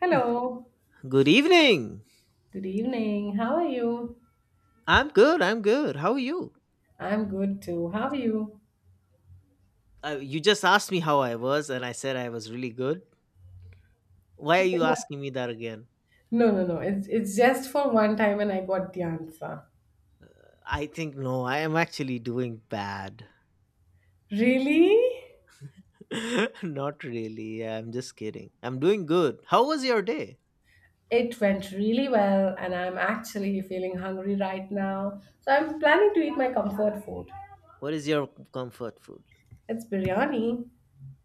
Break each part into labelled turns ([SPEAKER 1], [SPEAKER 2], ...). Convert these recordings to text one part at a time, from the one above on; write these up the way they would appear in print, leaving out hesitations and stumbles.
[SPEAKER 1] Hello,
[SPEAKER 2] Good evening.
[SPEAKER 1] good evening. How are you?
[SPEAKER 2] I'm good. I'm good. How are you?
[SPEAKER 1] I'm good too. How are you?
[SPEAKER 2] You just asked me how I was, and I said I was really good. Why are you asking me that again?
[SPEAKER 1] No, no, no. It's just for one time and I got the answer.
[SPEAKER 2] I think no, I am actually doing bad.
[SPEAKER 1] Really?
[SPEAKER 2] Not really. I'm just kidding. I'm doing good. How was your day?
[SPEAKER 1] It went really well and I'm actually feeling hungry right now. So I'm planning to eat my comfort food.
[SPEAKER 2] What is your comfort food?
[SPEAKER 1] It's biryani.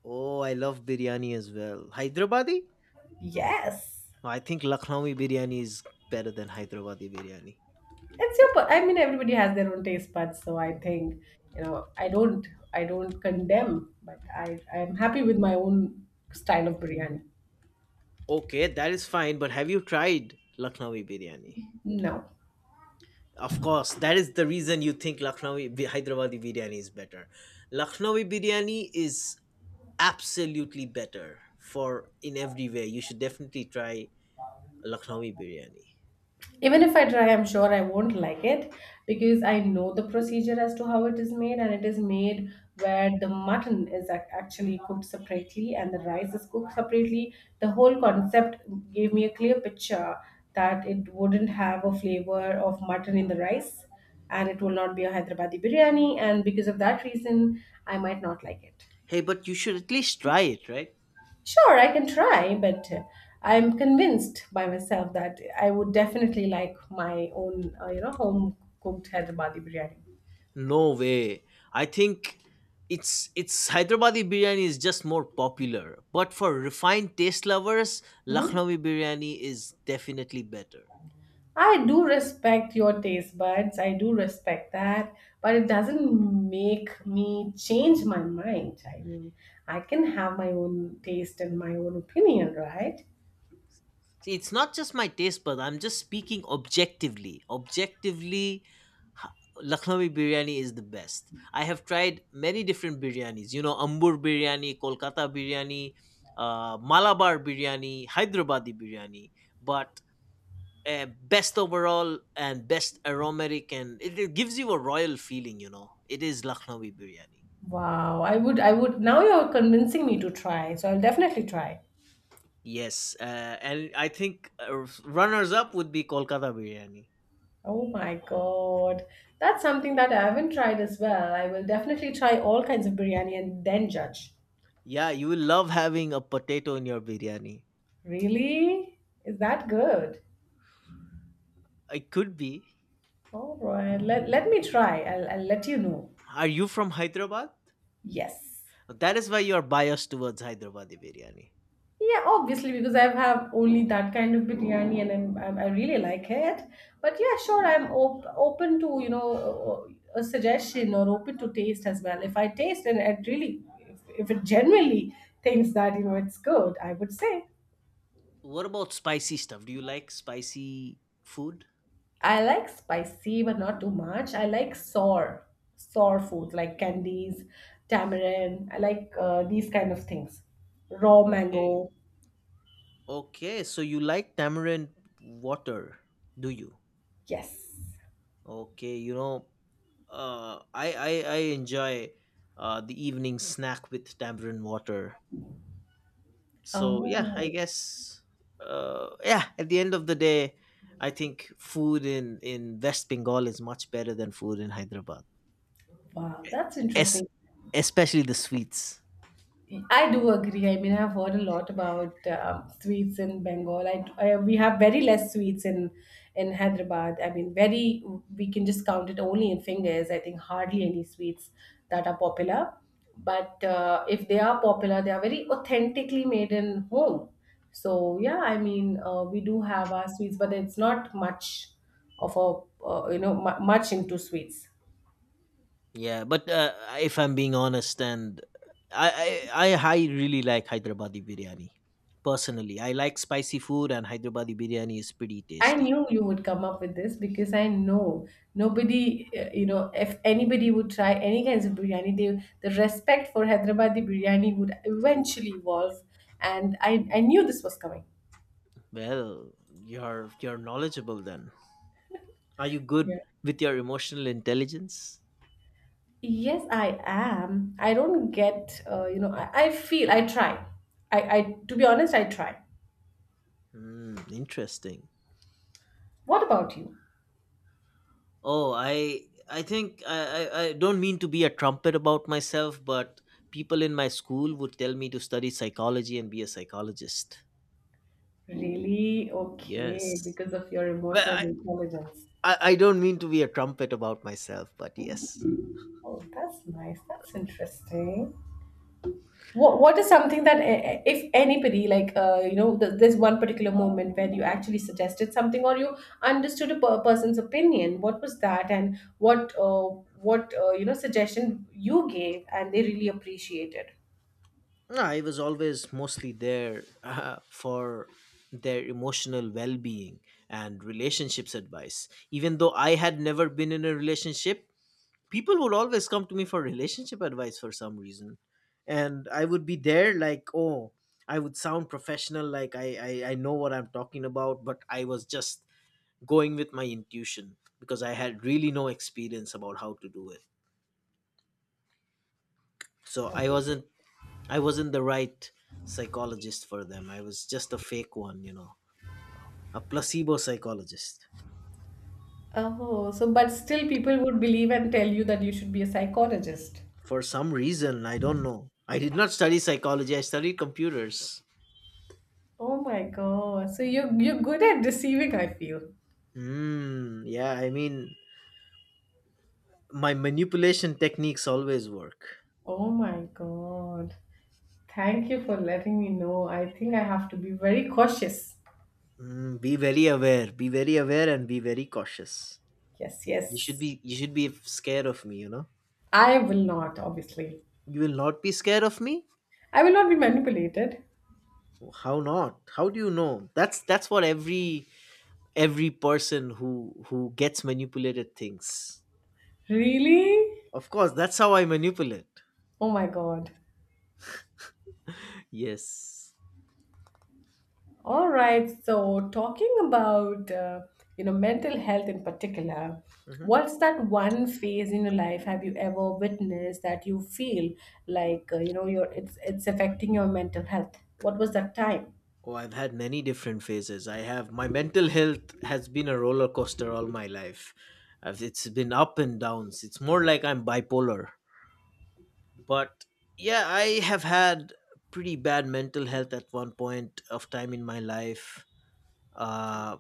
[SPEAKER 2] Oh, I love biryani as well. Hyderabadi?
[SPEAKER 1] Yes.
[SPEAKER 2] Oh, I think Lucknowi biryani is better than Hyderabadi biryani.
[SPEAKER 1] I mean everybody has their own taste buds, so I think, I don't I don't condemn, but I am happy with my own style of biryani.
[SPEAKER 2] Okay, that is fine, but have you tried Lucknowi biryani?
[SPEAKER 1] No.
[SPEAKER 2] Of course, that is the reason you think Hyderabadi biryani is better. Lucknowi biryani is absolutely better for in every way. You should definitely try Lucknowi biryani.
[SPEAKER 1] Even if I try, I'm sure I won't like it because I know the procedure as to how it is made, and it is made where the mutton is actually cooked separately and the rice is cooked separately. The whole concept gave me a clear picture that it wouldn't have a flavor of mutton in the rice and it will not be a Hyderabadi biryani, and because of that reason, I might not like it.
[SPEAKER 2] Hey, but you should at least try it, right?
[SPEAKER 1] Sure, I can try, but I'm convinced by myself that I would definitely like my own, you know, home cooked Hyderabadi biryani.
[SPEAKER 2] No way. I think it's Hyderabadi biryani is just more popular, but for refined taste lovers,
[SPEAKER 1] Hmm.
[SPEAKER 2] Lucknowi biryani is definitely better.
[SPEAKER 1] I do respect your taste buds. I do respect that, but it doesn't make me change my mind. I mean, I can have my own taste and my own opinion, right?
[SPEAKER 2] See, it's not just my taste bud. I'm just speaking objectively. Objectively, ha- Lucknowi biryani is the best. I have tried many different biryanis. You know, Ambur biryani, Kolkata biryani, Malabar biryani, Hyderabadi biryani. But best overall and best aromatic, and it gives you a royal feeling. You know, it is Lucknowi biryani.
[SPEAKER 1] Wow, I would. Now you're convincing me to try, so I'll definitely try.
[SPEAKER 2] Yes, and I think runners up would be Kolkata biryani.
[SPEAKER 1] Oh my god. That's something that I haven't tried as well. I will definitely try all kinds of biryani and then judge.
[SPEAKER 2] Yeah, you will love having a potato in your biryani.
[SPEAKER 1] Really? Is that good?
[SPEAKER 2] It could be.
[SPEAKER 1] All right. Let me try. I'll let you know.
[SPEAKER 2] Are you from Hyderabad?
[SPEAKER 1] Yes.
[SPEAKER 2] That is why you are biased towards Hyderabadi biryani.
[SPEAKER 1] Yeah, obviously, because I have only that kind of biryani and I really like it. But yeah, sure, open to, you know, a suggestion or open to taste as well. If I taste and it really, if it genuinely thinks that, you know, it's good, I would say.
[SPEAKER 2] What about spicy stuff? Do you like spicy food?
[SPEAKER 1] I like spicy, but not too much. I like sour foods like candies, tamarind. I like these kind of things. Raw
[SPEAKER 2] Okay.
[SPEAKER 1] mango.
[SPEAKER 2] Okay, so you like tamarind water, do you?
[SPEAKER 1] Yes.
[SPEAKER 2] Okay, you know, I enjoy the evening snack with tamarind water. So yeah, I
[SPEAKER 1] Oh,
[SPEAKER 2] guess yeah. At the end of the day, I think food in West Bengal is much better than food in Hyderabad.
[SPEAKER 1] wow. That's
[SPEAKER 2] Es-
[SPEAKER 1] interesting.
[SPEAKER 2] Especially the sweets.
[SPEAKER 1] I do agree. I mean, I've heard a lot about sweets in Bengal. I we have very less sweets in Hyderabad. I mean, very we can just count it only in fingers. I think hardly any sweets that are popular. But if they are popular, they are very authentically made in home. So yeah, I mean, we do have our sweets, but it's not much of a you know mu much into sweets.
[SPEAKER 2] Yeah, but if I'm being honest, and I really like Hyderabadi biryani. Personally, I like spicy food, and Hyderabadi biryani is pretty
[SPEAKER 1] I
[SPEAKER 2] tasty.
[SPEAKER 1] knew you would come up with this because I know nobody, you know, if anybody would try any kinds of biryani, they, the respect for Hyderabadi biryani would eventually evolve. I knew this was coming.
[SPEAKER 2] Well, you're knowledgeable then. Are you
[SPEAKER 1] Yeah.
[SPEAKER 2] good with your emotional intelligence?
[SPEAKER 1] Yes, I am. I don't get, you know, I feel, I try. To be honest, I try.
[SPEAKER 2] Hmm, interesting.
[SPEAKER 1] What about you?
[SPEAKER 2] Oh, I think I don't mean to be a trumpet about myself, but people in my school would tell me to study psychology and be a psychologist.
[SPEAKER 1] Really? Okay,
[SPEAKER 2] Yes.
[SPEAKER 1] because of your
[SPEAKER 2] Well,
[SPEAKER 1] emotional intelligence.
[SPEAKER 2] I don't mean to be a trumpet about myself, but yes.
[SPEAKER 1] Oh, that's nice. That's interesting. What is something that if anybody like you know there's one particular moment where you actually suggested something or you understood a person's opinion? What was that, and what you know suggestion you gave and they really appreciated?
[SPEAKER 2] No, I was always mostly there for their emotional well being and relationships advice. Even though I had never been in a relationship, people would always come to me for relationship advice for some reason, and I would be there like, oh, I would sound professional like I know what I'm talking about, but I was just going with my intuition because I had really no experience about how to do it, so I wasn't the right psychologist for them. I was just a fake one, you know, a placebo psychologist.
[SPEAKER 1] Oh, so but still people would believe and tell you that you should be a psychologist.
[SPEAKER 2] For some reason, I don't know, I did not study psychology, I studied computers.
[SPEAKER 1] Oh my God! So you're good at deceiving, I feel.
[SPEAKER 2] Hmm. Yeah. I mean, my manipulation techniques always work.
[SPEAKER 1] Oh my God. Thank you for letting me know. I think I have to be very cautious.
[SPEAKER 2] Mm, be very aware. Be very aware and be very cautious.
[SPEAKER 1] Yes,
[SPEAKER 2] You should
[SPEAKER 1] yes.
[SPEAKER 2] be you should be scared of me, you know?
[SPEAKER 1] I will not, obviously.
[SPEAKER 2] You will not be scared of me?
[SPEAKER 1] I will not be manipulated.
[SPEAKER 2] How not? How do you know? That's what every person who gets manipulated thinks.
[SPEAKER 1] Really?
[SPEAKER 2] Of course, that's how I manipulate.
[SPEAKER 1] Oh my God.
[SPEAKER 2] Yes.
[SPEAKER 1] All right. So, talking about you know mental health in particular,
[SPEAKER 2] Mhm.
[SPEAKER 1] what's that one phase in your life have you ever witnessed that you feel like you know your it's affecting your mental health? What was that time?
[SPEAKER 2] Oh, I've had many different phases. I have My mental health has been a roller coaster all my life. It's been up and downs. It's more like I'm bipolar. But yeah, I have had pretty bad mental health at one point of time in my life. Uh,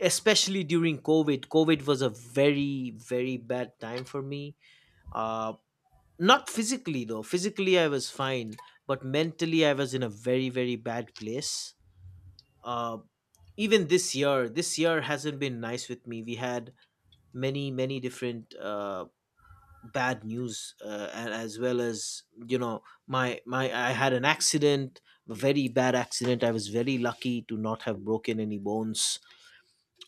[SPEAKER 2] Especially during COVID. COVID was a very very bad time for me. Uh, Not physically though. Physically I was fine, but mentally I was in a very very bad place. Uh, Even this year hasn't been nice with me. We had many many different bad news and as well as, you know, my I had an accident, a very bad accident. I was very lucky to not have broken any bones.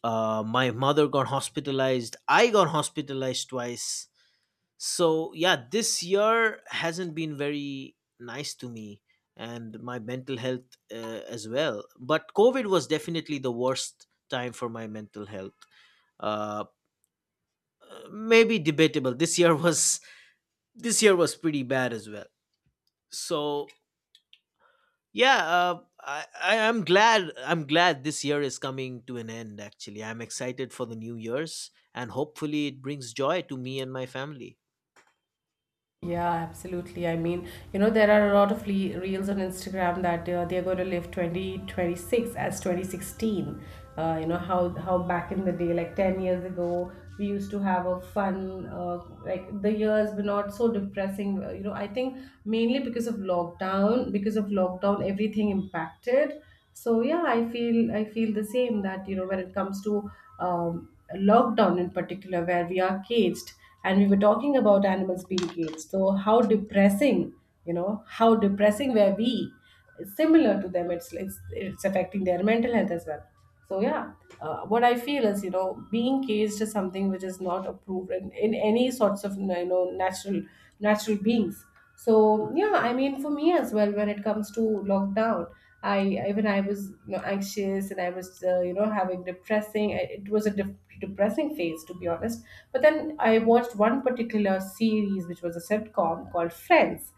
[SPEAKER 2] My mother got hospitalized, I got hospitalized twice. So yeah, this year hasn't been very nice to me and my mental health as well, but COVID was definitely the worst time for my mental health. uh Maybe debatable, this year was this year was pretty bad as well. So yeah, I'm glad I'm glad this year is coming to an end. Actually, I'm excited for the new year's and hopefully it brings joy to me and my family.
[SPEAKER 1] Yeah, absolutely. I mean, you know, there are a lot of le reels on Instagram that they're going to live 2026 as 2016. You know, how back in the day, like 10 years ago, we used to have a fun, like the years were not so depressing. You know, I think mainly because of lockdown, everything impacted. So yeah, I feel the same that, you know, when it comes to um, lockdown in particular, where we are caged and we were talking about animals being caged. So how depressing, you know, how depressing were we? It's similar to them. It's affecting their mental health as well. So yeah, what I feel is you know being caged is something which is not approved in any sorts of you know natural beings. So yeah, I mean for me as well when it comes to lockdown. I was you know, anxious and I was you know having depressing. It was a depressing phase to be honest. But then I watched one particular series which was a sitcom called Friends.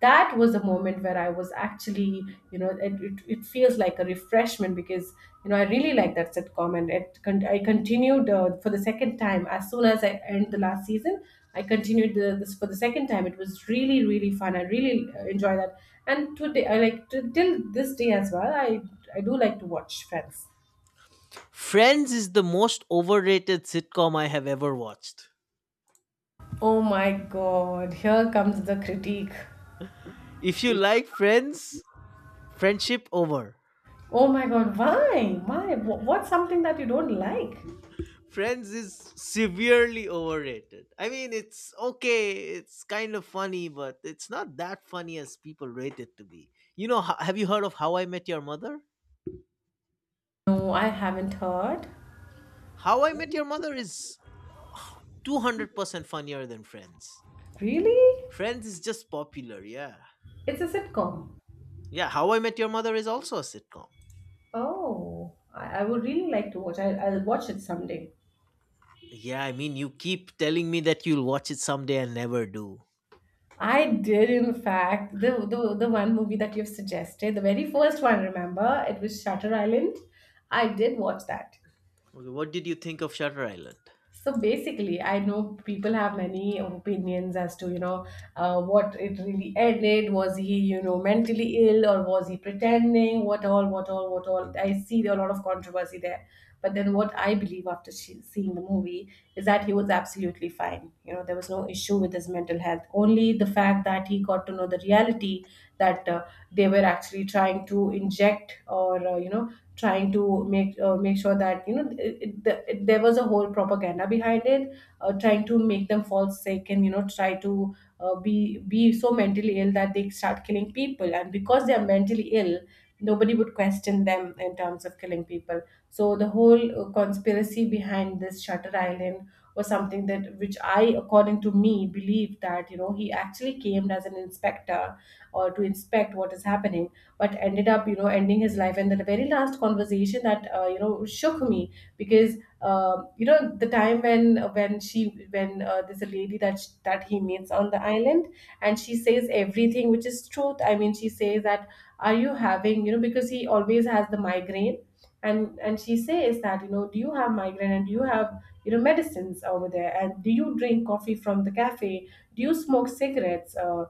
[SPEAKER 1] That was the moment where I was actually you know it feels like a reflection freshman because you know I really like that sitcom, and I continued for the second time as soon as I end the last season. I continued this for the second time. It was really fun. I really enjoy that, and today I like to, till this day as well. I do like to watch Friends.
[SPEAKER 2] Friends is the most overrated sitcom I have ever watched.
[SPEAKER 1] Oh my god, here comes the critique.
[SPEAKER 2] If you like Friends, friendship over.
[SPEAKER 1] Oh my god, why? Why? What's something that you don't like?
[SPEAKER 2] Friends is severely overrated. I mean, it's okay, it's kind of funny, but it's not that funny as people rate it to be. You know, have you heard of How I Met Your Mother?
[SPEAKER 1] No, I haven't heard.
[SPEAKER 2] How I Met Your Mother is 200% funnier than Friends.
[SPEAKER 1] Really?
[SPEAKER 2] Friends is just popular, yeah.
[SPEAKER 1] It's a sitcom.
[SPEAKER 2] Yeah, How I Met Your Mother is also a sitcom.
[SPEAKER 1] Oh, I would really like to watch. I'll watch it someday.
[SPEAKER 2] Yeah, I mean, you keep telling me that you'll watch it someday and never do.
[SPEAKER 1] I did, in fact, the one movie that you've suggested, the very first one. Remember, it was Shutter Island. I did watch that.
[SPEAKER 2] Okay, what did you think of Shutter Island?
[SPEAKER 1] So basically, I know people have many opinions as to, you know, what it really ended. Was he, you know, mentally ill or was he pretending? What all. I see a lot of controversy there. But then what I believe after seeing the movie is that he was absolutely fine. You know, there was no issue with his mental health. Only the fact that he got to know the reality that they were actually trying to inject or, you know, trying to make make sure that you know there was a whole propaganda behind it trying to make them fall sick and you know try to be so mentally ill that they start killing people and because they are mentally ill nobody would question them in terms of killing people so the whole conspiracy behind this Shutter Island was something that which I according to me believe that you know he actually came as an inspector or to inspect what is happening but ended up you know ending his life and the very last conversation that you know shook me because you know the time when there's a lady that that he meets on the island and she says everything which is truth, I mean she says that are you having you know because he always has the migraine and she says that you know do you have migraine and do you have you know medicines over there and do you drink coffee from the cafe, do you smoke cigarettes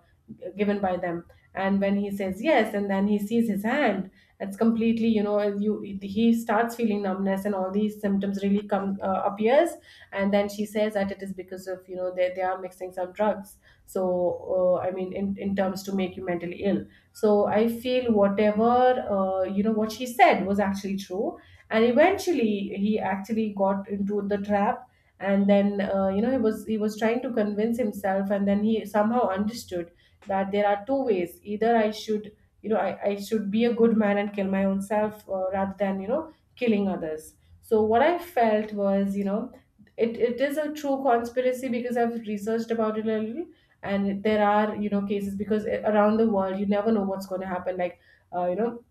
[SPEAKER 1] given by them, and when he says yes and then he sees his hand, it's completely you know you he starts feeling numbness and all these symptoms really come appears, and then she says that it is because of you know they are mixing some drugs. So I mean in terms to make you mentally ill. So I feel whatever you know what she said was actually true, and eventually he actually got into the trap, and then you know he was trying to convince himself and then he somehow understood that there are two ways, either I should you know I should be a good man and kill my own self rather than you know killing others. So what I felt was you know it is a true conspiracy because I've researched about it a little, and there are you know cases because around the world you never know what's going to happen, like you know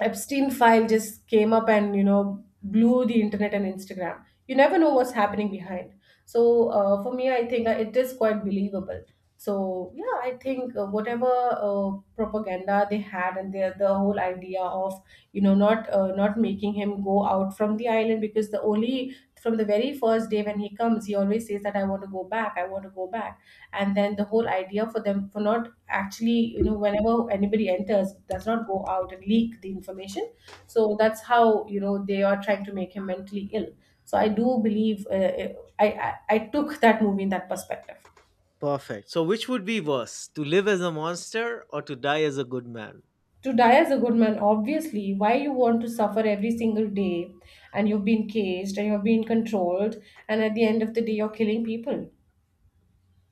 [SPEAKER 1] Epstein file just came up and you know blew the internet and Instagram. You never know what's happening behind. So for me I think it is quite believable. So yeah I think whatever uh, propaganda they had and their the whole idea of you know not making him go out from the island, because the only from the very first day when he comes he always says that I want to go back, I want to go back. And then the whole idea for them for not actually, you know, whenever anybody enters does not go out and leak the information. So that's how, you know, they are trying to make him mentally ill. So I do believe, I took that movie in that perspective.
[SPEAKER 2] Perfect. So, which would be worse, to live as a monster or to die as a good man?
[SPEAKER 1] To die as a good man, obviously. Why you want to suffer every single day, and you've been caged and you've been controlled, and at the end of the day you're killing people,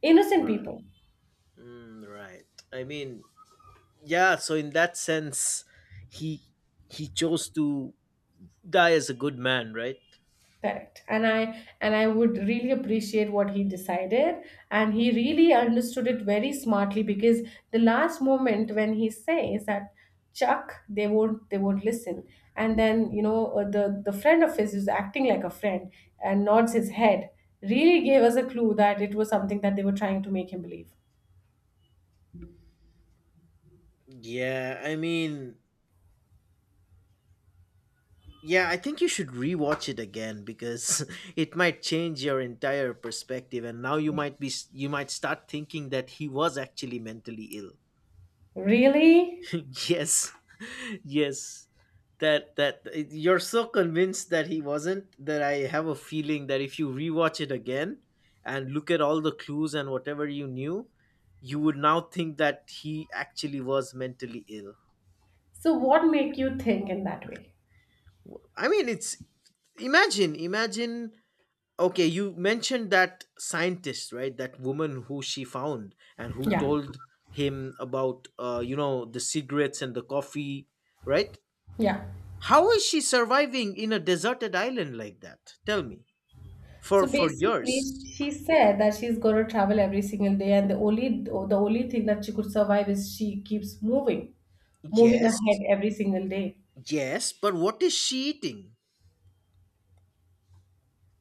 [SPEAKER 1] innocent
[SPEAKER 2] Right.
[SPEAKER 1] people.
[SPEAKER 2] Mm, right. I mean, yeah. So in that sense, he he chose to die as a good man, right?
[SPEAKER 1] Correct. And I would really appreciate what he decided. And he really understood it very smartly because the last moment when he says that Chuck, they won't listen. And then, you know, the friend of his is acting like a friend and nods his head, really gave us a clue that it was something that they were trying to make him believe.
[SPEAKER 2] Yeah. I mean, yeah, I think you should rewatch it again because it might change your entire perspective and now you might start thinking that he was actually mentally ill.
[SPEAKER 1] Really?
[SPEAKER 2] Yes. Yes. That that You're so convinced that he wasn't, that I have a feeling that if you rewatch it again and look at all the clues and whatever you knew, you would now think that he actually was mentally ill.
[SPEAKER 1] So what make you think in that way?
[SPEAKER 2] I mean, it's imagine imagine okay, you mentioned that scientist, right? That woman who she found and who
[SPEAKER 1] Yeah.
[SPEAKER 2] told him about, you know, the cigarettes and the coffee, right?
[SPEAKER 1] Yeah.
[SPEAKER 2] How is she surviving in a deserted island like that? Tell me.
[SPEAKER 1] So
[SPEAKER 2] For
[SPEAKER 1] basically,
[SPEAKER 2] years.
[SPEAKER 1] she said that she's going to travel every single day, and the only thing that she could survive is she keeps moving, moving ahead
[SPEAKER 2] Yes,
[SPEAKER 1] every single day.
[SPEAKER 2] yes, but what is she eating?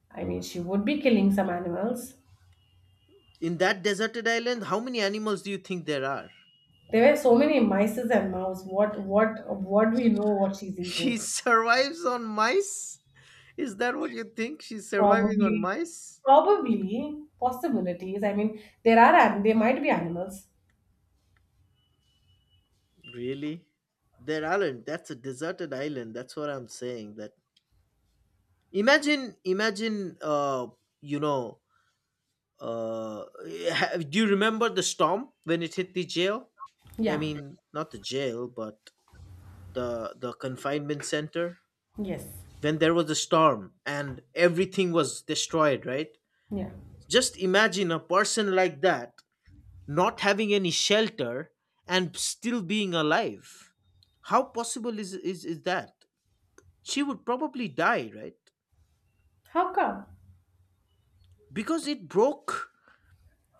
[SPEAKER 1] I mean, she would be killing some animals.
[SPEAKER 2] In that deserted island, how many animals do you think there are?
[SPEAKER 1] There were so many mice and mouse. What do we know what she's eating?
[SPEAKER 2] She survives on mice? Is that what you think? She's surviving on
[SPEAKER 1] Probably,
[SPEAKER 2] mice?
[SPEAKER 1] probably possibilities. I mean, there are there might be animals.
[SPEAKER 2] Really? Their island, that's a deserted island. That's what I'm saying. That, imagine imagine you know uh ha- do you remember the storm when it hit the jail? I
[SPEAKER 1] Yeah.
[SPEAKER 2] mean, not the jail but the confinement center,
[SPEAKER 1] Yes.
[SPEAKER 2] when there was a storm and everything was destroyed, right?
[SPEAKER 1] Yeah.
[SPEAKER 2] Just imagine a person like that not having any shelter and still being alive. How possible is that? She would probably die, right?
[SPEAKER 1] How come?
[SPEAKER 2] Because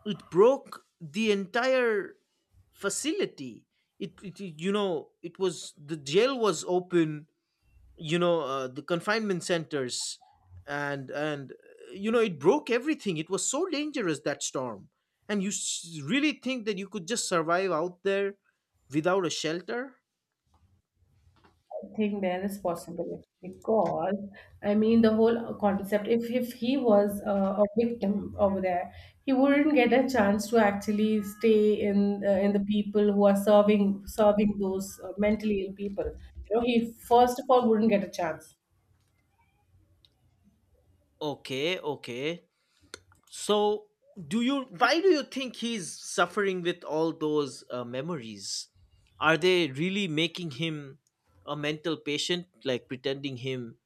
[SPEAKER 2] it broke the entire facility. It You know, it was, the jail was open, you know, the confinement centers, and you know, it broke everything. It was so dangerous, that storm. And you really think that you could just survive out there without a shelter?
[SPEAKER 1] Think there is possibility because I mean the whole concept. If he was a victim over there, he wouldn't get a chance to actually stay in the people who are serving those mentally ill people. You know, he first of all wouldn't get a chance.
[SPEAKER 2] Okay, okay. So, do you why do you think he's suffering with all those memories? Are they really making him a mental patient, like pretending him?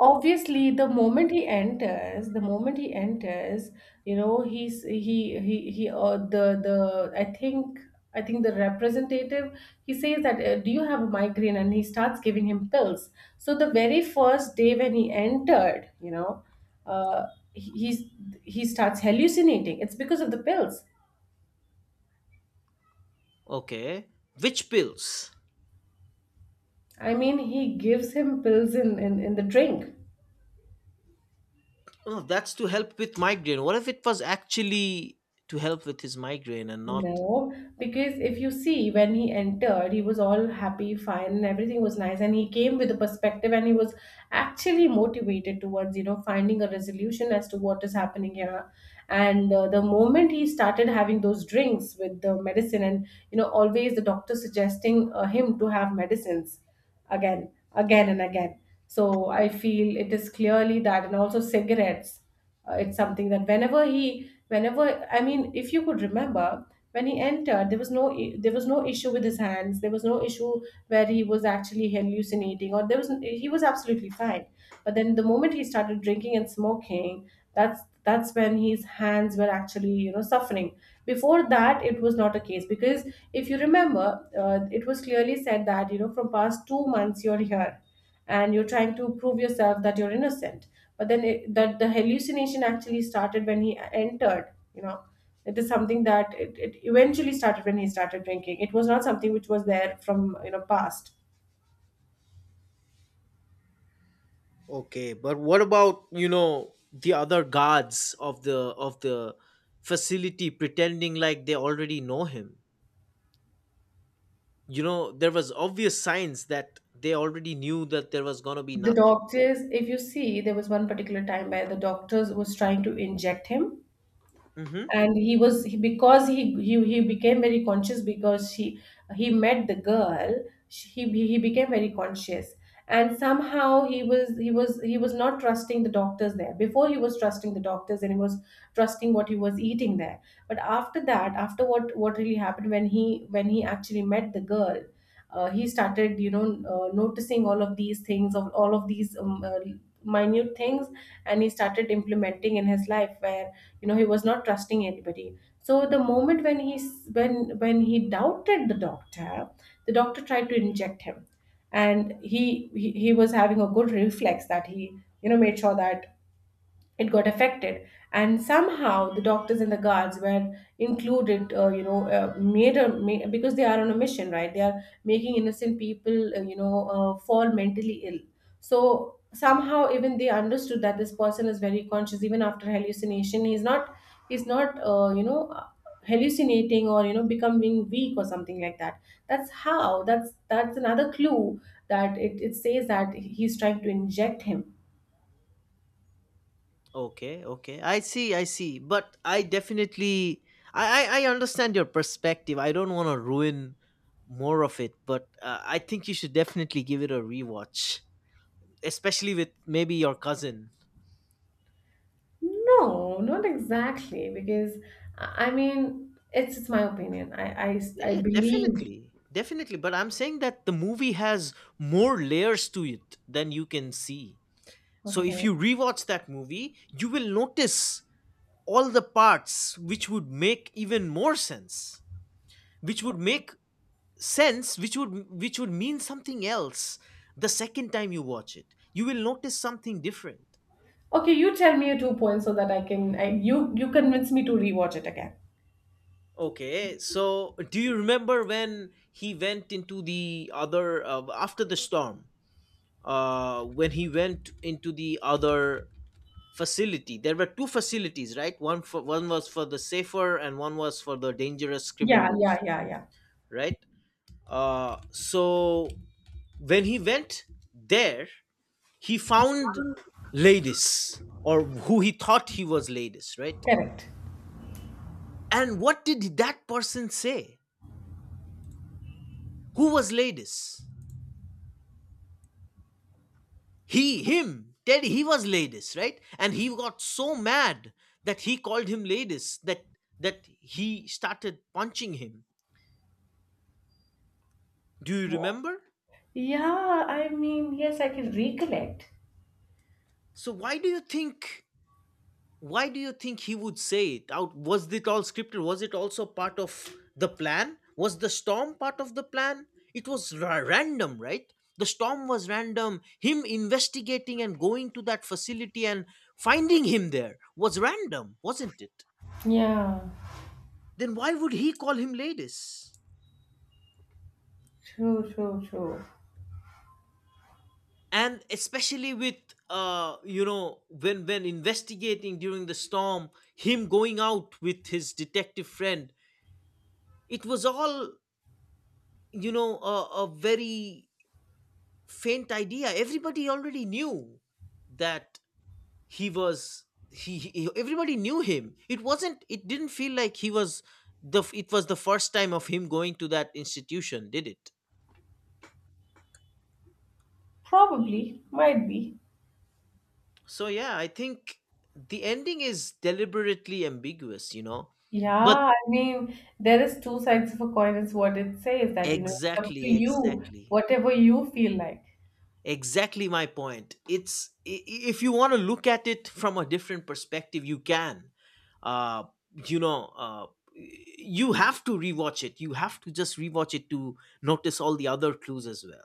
[SPEAKER 1] Obviously, the moment he enters, the moment he enters, you know, he's he he. The I think the representative he says that, do you have a migraine, and he starts giving him pills. So the very first day when he entered, you know, uh, he- he's he starts hallucinating. It's because of the pills.
[SPEAKER 2] Okay, which pills?
[SPEAKER 1] I mean, he gives him pills in the drink.
[SPEAKER 2] Oh, that's to help with migraine. What if it was actually to help with his migraine and not?
[SPEAKER 1] No, because if you see when he entered, he was all happy, fine, and everything was nice. And he came with a perspective and he was actually motivated towards, you know, finding a resolution as to what is happening here. And the moment he started having those drinks with the medicine, and, you know, always the doctor suggesting him to have medicines again, again, and again. So I feel it is clearly that, and also cigarettes. It's something that whenever, I mean, if you could remember, when he entered, there was there was no issue with his hands. There was no issue where he was actually hallucinating, or there was he was absolutely fine. But then the moment he started drinking and smoking, that's when his hands were actually, you know, suffering. Before that, it was not a case because if you remember, it was clearly said that, you know, from past 2 months you're here and you're trying to prove yourself that you're innocent, but then that the hallucination actually started when he entered, you know. It is something that it eventually started when he started drinking. It was not something which was there from, you know, past.
[SPEAKER 2] Okay, but what about, you know, the other guards of the facility pretending like they already know him? You know, there was obvious signs that they already knew that there was going to be
[SPEAKER 1] The
[SPEAKER 2] nothing.
[SPEAKER 1] doctors, if you see, there was one particular time where the doctors was trying to inject him,
[SPEAKER 2] Hmm.
[SPEAKER 1] and he was he, because he became very conscious because she he met the girl. She, he he became very conscious, and somehow he was not trusting the doctors there. Before, he was trusting the doctors, and he was trusting what he was eating there. But after that, after what really happened, when he actually met the girl, he started, you know, noticing all of these things, of all of these minute things, and he started implementing in his life where, you know, he was not trusting anybody. So the moment when he doubted the doctor, the doctor tried to inject him, and he was having a good reflex, that he, you know, made sure that it got affected. And somehow the doctors and the guards were included, you know, because they are on a mission, right? They are making innocent people, you know, fall mentally ill. So somehow even they understood that this person is very conscious. Even after hallucination, he's not you know, hallucinating or, you know, becoming weak or something like that. That's another clue that it says that he's trying to inject him.
[SPEAKER 2] Okay. I see, I see, but I definitely, I understand your perspective. I don't want to ruin more of it, but I think you should definitely give it a rewatch, especially with maybe your cousin.
[SPEAKER 1] No, not exactly, because I mean, it's my opinion. I I
[SPEAKER 2] Yeah,
[SPEAKER 1] I
[SPEAKER 2] yeah,
[SPEAKER 1] believe.
[SPEAKER 2] definitely, definitely, but I'm saying that the movie has more layers to it than you can see. So if
[SPEAKER 1] Okay.
[SPEAKER 2] you rewatch that movie you will notice all the parts which would make even more sense, which would make sense, which would mean something else. The second time you watch it you will notice something different.
[SPEAKER 1] Okay, you tell me your two points so that I can I you you convince me to rewatch it again.
[SPEAKER 2] Okay, so do you remember when he went into the other, after the storm, when he went into the other facility? There were two facilities, right? One for, one was for the safer and one was for the dangerous
[SPEAKER 1] Yeah, yeah,
[SPEAKER 2] criminals,
[SPEAKER 1] yeah, yeah.
[SPEAKER 2] right? So when he went there, he found ladies, or who he thought he was ladies, right?
[SPEAKER 1] Correct.
[SPEAKER 2] And what did that person say? Who was ladies? He, him, Teddy, he was ladies, right? And he got so mad that he called him ladies, that he started punching him. Do you remember?
[SPEAKER 1] Yeah, I mean, yes, I can recollect.
[SPEAKER 2] So why do you think, why do you think he would say it out? Was it all scripted? Was it also part of the plan? Was the storm part of the plan? It was random, right? The storm was random. Him investigating and going to that facility and finding him there was random, wasn't it?
[SPEAKER 1] Yeah,
[SPEAKER 2] Then why would he call him ladies?
[SPEAKER 1] true, true, true.
[SPEAKER 2] And especially with, you know, when investigating during the storm, him going out with his detective friend, it was all, you know, a very faint idea. Everybody already knew that he was, he, everybody knew him. It wasn't, it didn't feel like he was the, it was the first time of him going to that institution, did it?
[SPEAKER 1] Probably, might be.
[SPEAKER 2] So yeah, I think the ending is deliberately ambiguous, you know.
[SPEAKER 1] Yeah,
[SPEAKER 2] But
[SPEAKER 1] I mean, there is two sides of a coin, is what it says that, you know, it's up to
[SPEAKER 2] exactly,
[SPEAKER 1] you,
[SPEAKER 2] exactly,
[SPEAKER 1] whatever you feel like.
[SPEAKER 2] exactly my point. It's, if you want to look at it from a different perspective you can, uh you know uh you have to rewatch it. You have to just rewatch it to notice all the other clues as well.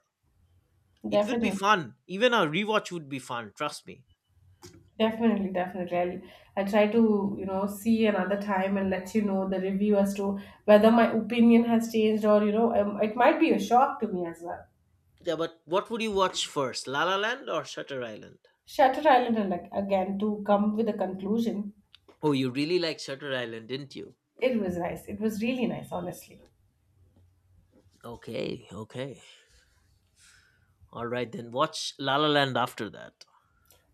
[SPEAKER 2] It would be
[SPEAKER 1] Definitely.
[SPEAKER 2] fun. Even a rewatch would be fun, trust me.
[SPEAKER 1] Definitely, definitely. I'll try to, you know, see another time and let you know the review as to whether my opinion has changed or, you know, it might be a shock to me as well.
[SPEAKER 2] Yeah, but what would you watch first, La La Land or Shutter Island?
[SPEAKER 1] Shutter Island, and like again, to come with a conclusion,
[SPEAKER 2] Oh, you really like Shutter Island, didn't you?
[SPEAKER 1] it was nice. It was really nice, honestly.
[SPEAKER 2] Okay, okay, all right, then watch La La Land after that.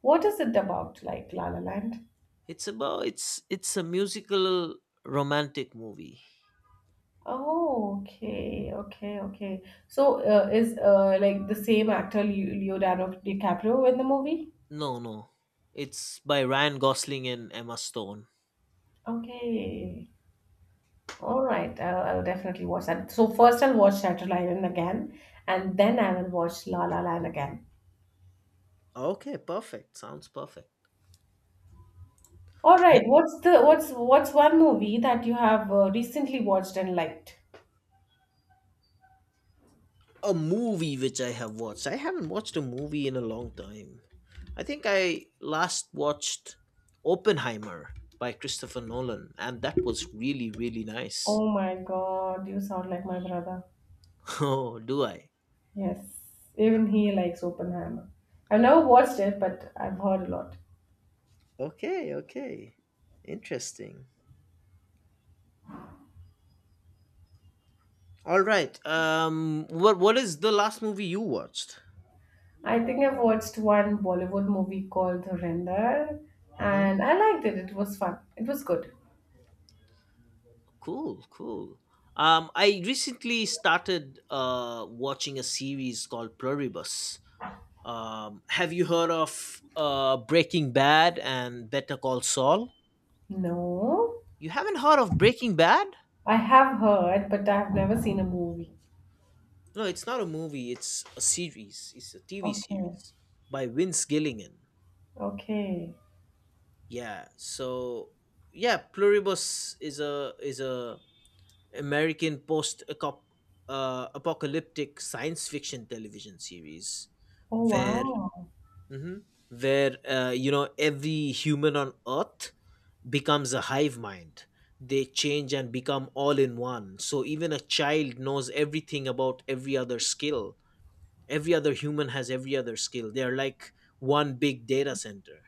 [SPEAKER 1] What is it about, like, La La Land?
[SPEAKER 2] It's about, it's a musical romantic movie.
[SPEAKER 1] Oh, okay, okay, okay. So, is like the same actor, Leonardo DiCaprio, in the movie?
[SPEAKER 2] No, no. It's by Ryan Gosling and Emma Stone.
[SPEAKER 1] Okay. All right, I'll definitely watch that. So first I'll watch Shutter Island again, and then I will watch La La Land again.
[SPEAKER 2] Okay, perfect. Sounds perfect.
[SPEAKER 1] All
[SPEAKER 2] The—
[SPEAKER 1] right, what's the what's one movie that you have recently watched and liked?
[SPEAKER 2] a movie which I have watched. I haven't watched a movie in a long time. I think I last watched Oppenheimer by Christopher Nolan, and that was really, really nice.
[SPEAKER 1] Oh my God, you sound like my brother.
[SPEAKER 2] Oh, do I?
[SPEAKER 1] Yes, even he likes Oppenheimer. I've never watched it, but I've heard a lot.
[SPEAKER 2] Okay, okay. Interesting. All right. What is the last movie you watched?
[SPEAKER 1] I think I've watched one Bollywood movie called Dhurandhar,
[SPEAKER 2] Hmm.
[SPEAKER 1] and I liked it. It was fun. It was good.
[SPEAKER 2] Cool, cool. I recently started watching a series called Pluribus. Have you heard of Breaking Bad and Better Call Saul?
[SPEAKER 1] No,
[SPEAKER 2] You haven't heard of Breaking Bad?
[SPEAKER 1] I have heard, but I've never seen a movie.
[SPEAKER 2] No, it's not a movie. It's a series. It's a TV
[SPEAKER 1] Okay,
[SPEAKER 2] series by Vince Gilligan.
[SPEAKER 1] okay.
[SPEAKER 2] Yeah. So yeah, Pluribus is a American post apocalyptic science fiction television series
[SPEAKER 1] Oh
[SPEAKER 2] where—
[SPEAKER 1] wow.
[SPEAKER 2] mhm— where you know, every human on earth becomes a hive mind. They change and become all in one, so even a child knows everything about every other skill. Every other human has every other skill. They're like one big data center.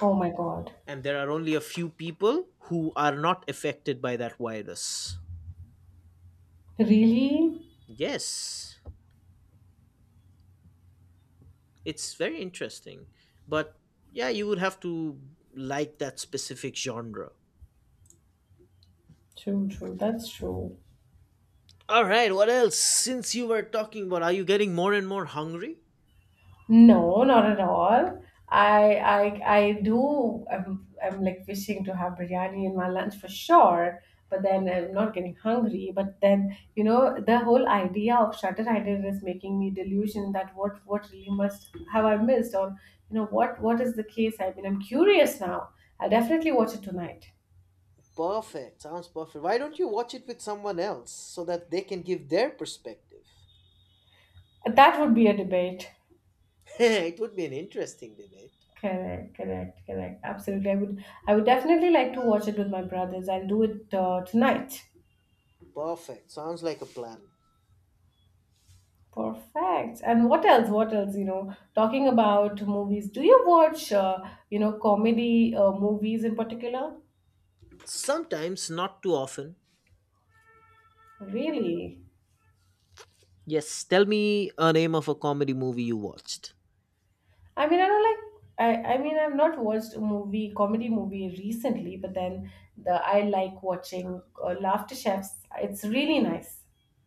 [SPEAKER 1] Oh my God.
[SPEAKER 2] And there are only a few people who are not affected by that virus.
[SPEAKER 1] Really?
[SPEAKER 2] Yes. It's very interesting. But yeah, you would have to like that specific genre.
[SPEAKER 1] True, true. That's true.
[SPEAKER 2] All right, what else? Since you were talking about, are you getting more and more hungry?
[SPEAKER 1] No, not at all. I I I do, I'm like wishing to have biryani in my lunch for sure, but then I'm not getting hungry. But then, you know, the whole idea of Shutter Island is making me delusion that what really must have I missed, or you know, what is the case? I mean, I'm curious now. I'll definitely watch it tonight.
[SPEAKER 2] Perfect. Sounds perfect. Why don't you watch it with someone else so that they can give their perspective?
[SPEAKER 1] That would be a debate.
[SPEAKER 2] It would be an interesting debate.
[SPEAKER 1] Correct, correct, correct. Absolutely. I would definitely like to watch it with my brothers. I'll do it tonight.
[SPEAKER 2] Perfect. Sounds like a plan.
[SPEAKER 1] Perfect. And what else? What else, you know, talking about movies. Do you watch you know, comedy movies in particular?
[SPEAKER 2] Sometimes, not too often.
[SPEAKER 1] Really?
[SPEAKER 2] Yes, tell me a name of a comedy movie you watched.
[SPEAKER 1] I mean, I don't like I mean I've not watched a movie comedy movie recently, but then the I like watching Laughter Chefs. It's really nice.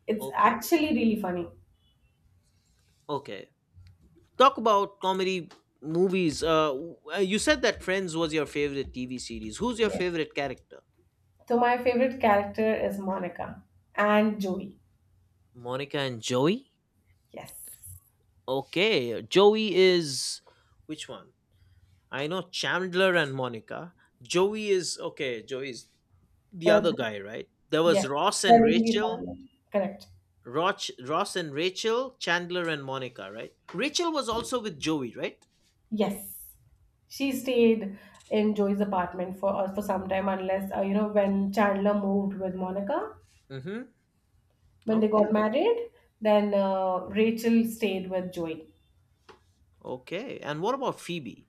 [SPEAKER 1] It's
[SPEAKER 2] Okay.
[SPEAKER 1] actually really funny.
[SPEAKER 2] Okay. Talk about comedy movies. You said that Friends was your favorite TV series. Who's your
[SPEAKER 1] Yes.
[SPEAKER 2] favorite character?
[SPEAKER 1] So my favorite character is Monica and Joey.
[SPEAKER 2] Monica and Joey?
[SPEAKER 1] Yes.
[SPEAKER 2] Okay, Joey is which one? I know Chandler and Monica. Joey is, okay, Joey's the
[SPEAKER 1] Uh,
[SPEAKER 2] other guy, right? There was
[SPEAKER 1] yes.
[SPEAKER 2] Ross and
[SPEAKER 1] Sharing the
[SPEAKER 2] Rachel.
[SPEAKER 1] apartment. Correct.
[SPEAKER 2] Roch, Ross and Rachel, Chandler and Monica, right? Rachel was also with Joey, right?
[SPEAKER 1] Yes. She stayed in Joey's apartment for some time, unless you know, when Chandler moved with Monica
[SPEAKER 2] Mm-hmm.
[SPEAKER 1] when they got
[SPEAKER 2] Okay.
[SPEAKER 1] married. Then Rachel stayed with Joey.
[SPEAKER 2] Okay. And what about Phoebe?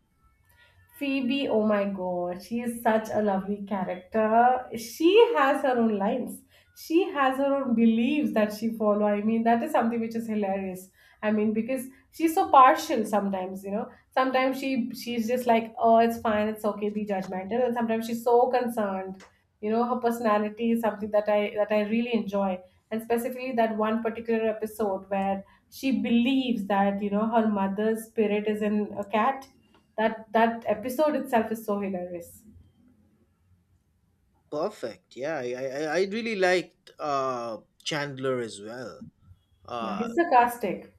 [SPEAKER 1] Phoebe, oh my god, she is such a lovely character. She has her own lines. She has her own beliefs that she follow. I mean, that is something which is hilarious. I mean, because she's so partial sometimes, you know. Sometimes she's just like, oh, it's fine, it's okay, be judgmental. And sometimes she's so concerned. You know, her personality is something that I really enjoy. And specifically that one particular episode where she believes that, you know, her mother's spirit is in a cat. That episode itself is so hilarious.
[SPEAKER 2] Perfect. Yeah, I really liked Chandler as well.
[SPEAKER 1] Yeah,
[SPEAKER 2] Uh,
[SPEAKER 1] he's sarcastic.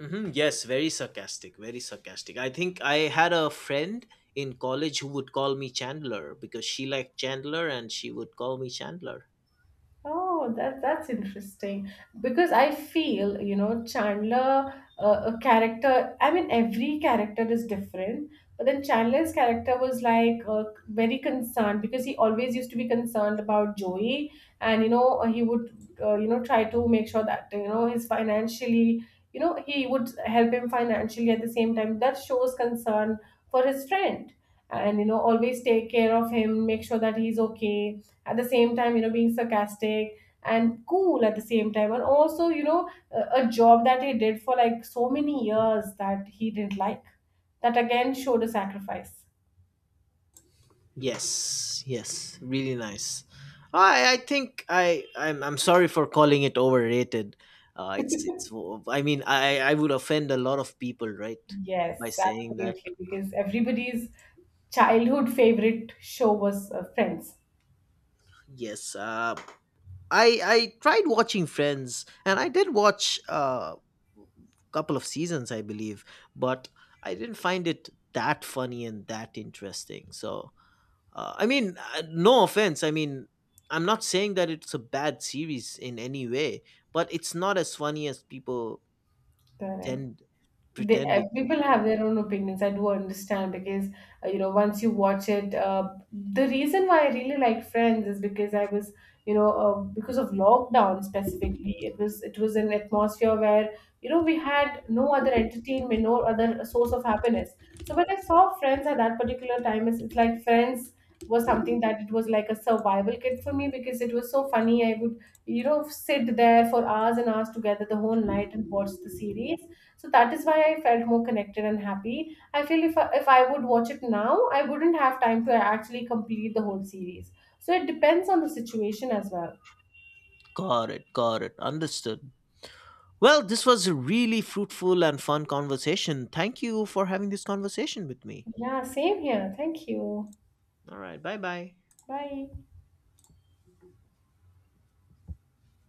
[SPEAKER 2] mhm, yes, very sarcastic, very sarcastic. I think I had a friend in college who would call me Chandler because she liked Chandler, and she would call me Chandler.
[SPEAKER 1] Oh, that's interesting because I feel, you know, Chandler, a character. I mean, every character is different, but then Chandler's character was like very concerned because he always used to be concerned about Joey, and you know, he would, you know, try to make sure that, you know, he's financially, you know, he would help him financially at the same time. That shows concern for his friend, and you know, always take care of him, make sure that he's okay. At the same time, you know, being sarcastic and cool at the same time. And also, you know, a job that he did for like so many years that he didn't like, that again showed a sacrifice.
[SPEAKER 2] Yes, yes, really nice. I think I'm sorry for calling it overrated. It's I mean, I would offend a lot of people, right? By
[SPEAKER 1] Yes,
[SPEAKER 2] saying that.
[SPEAKER 1] absolutely, because everybody's childhood favorite show was Friends.
[SPEAKER 2] Yes. I tried watching Friends, and I did watch a couple of seasons, I believe, but I didn't find it that funny and that interesting. So, I mean, no offense. I mean, I'm not saying that it's a bad series in any way, but it's not as funny as people
[SPEAKER 1] Correct.
[SPEAKER 2] tend
[SPEAKER 1] They,
[SPEAKER 2] pretend it to
[SPEAKER 1] people
[SPEAKER 2] be,
[SPEAKER 1] have
[SPEAKER 2] right?
[SPEAKER 1] their own opinions. I do understand because you know, once you watch it, the reason why I really liked Friends is because I was, you know, because of lockdown specifically. It was it was an atmosphere where, you know, we had no other entertainment, no other source of happiness. So when I saw Friends at that particular time, it's like Friends was something that it was like a survival kit for me, because it was so funny. I would, you know, sit there for hours and hours together the whole night and watch the series. So that is why I felt more connected and happy. I feel if I would watch it now, I wouldn't have time to actually complete the whole series. So it depends on the situation as well.
[SPEAKER 2] Got it. Got it. Understood. Well, this was a really fruitful and fun conversation. Thank you for having this conversation with me.
[SPEAKER 1] Yeah, same here, thank you.
[SPEAKER 2] All right. Bye bye.
[SPEAKER 1] Bye.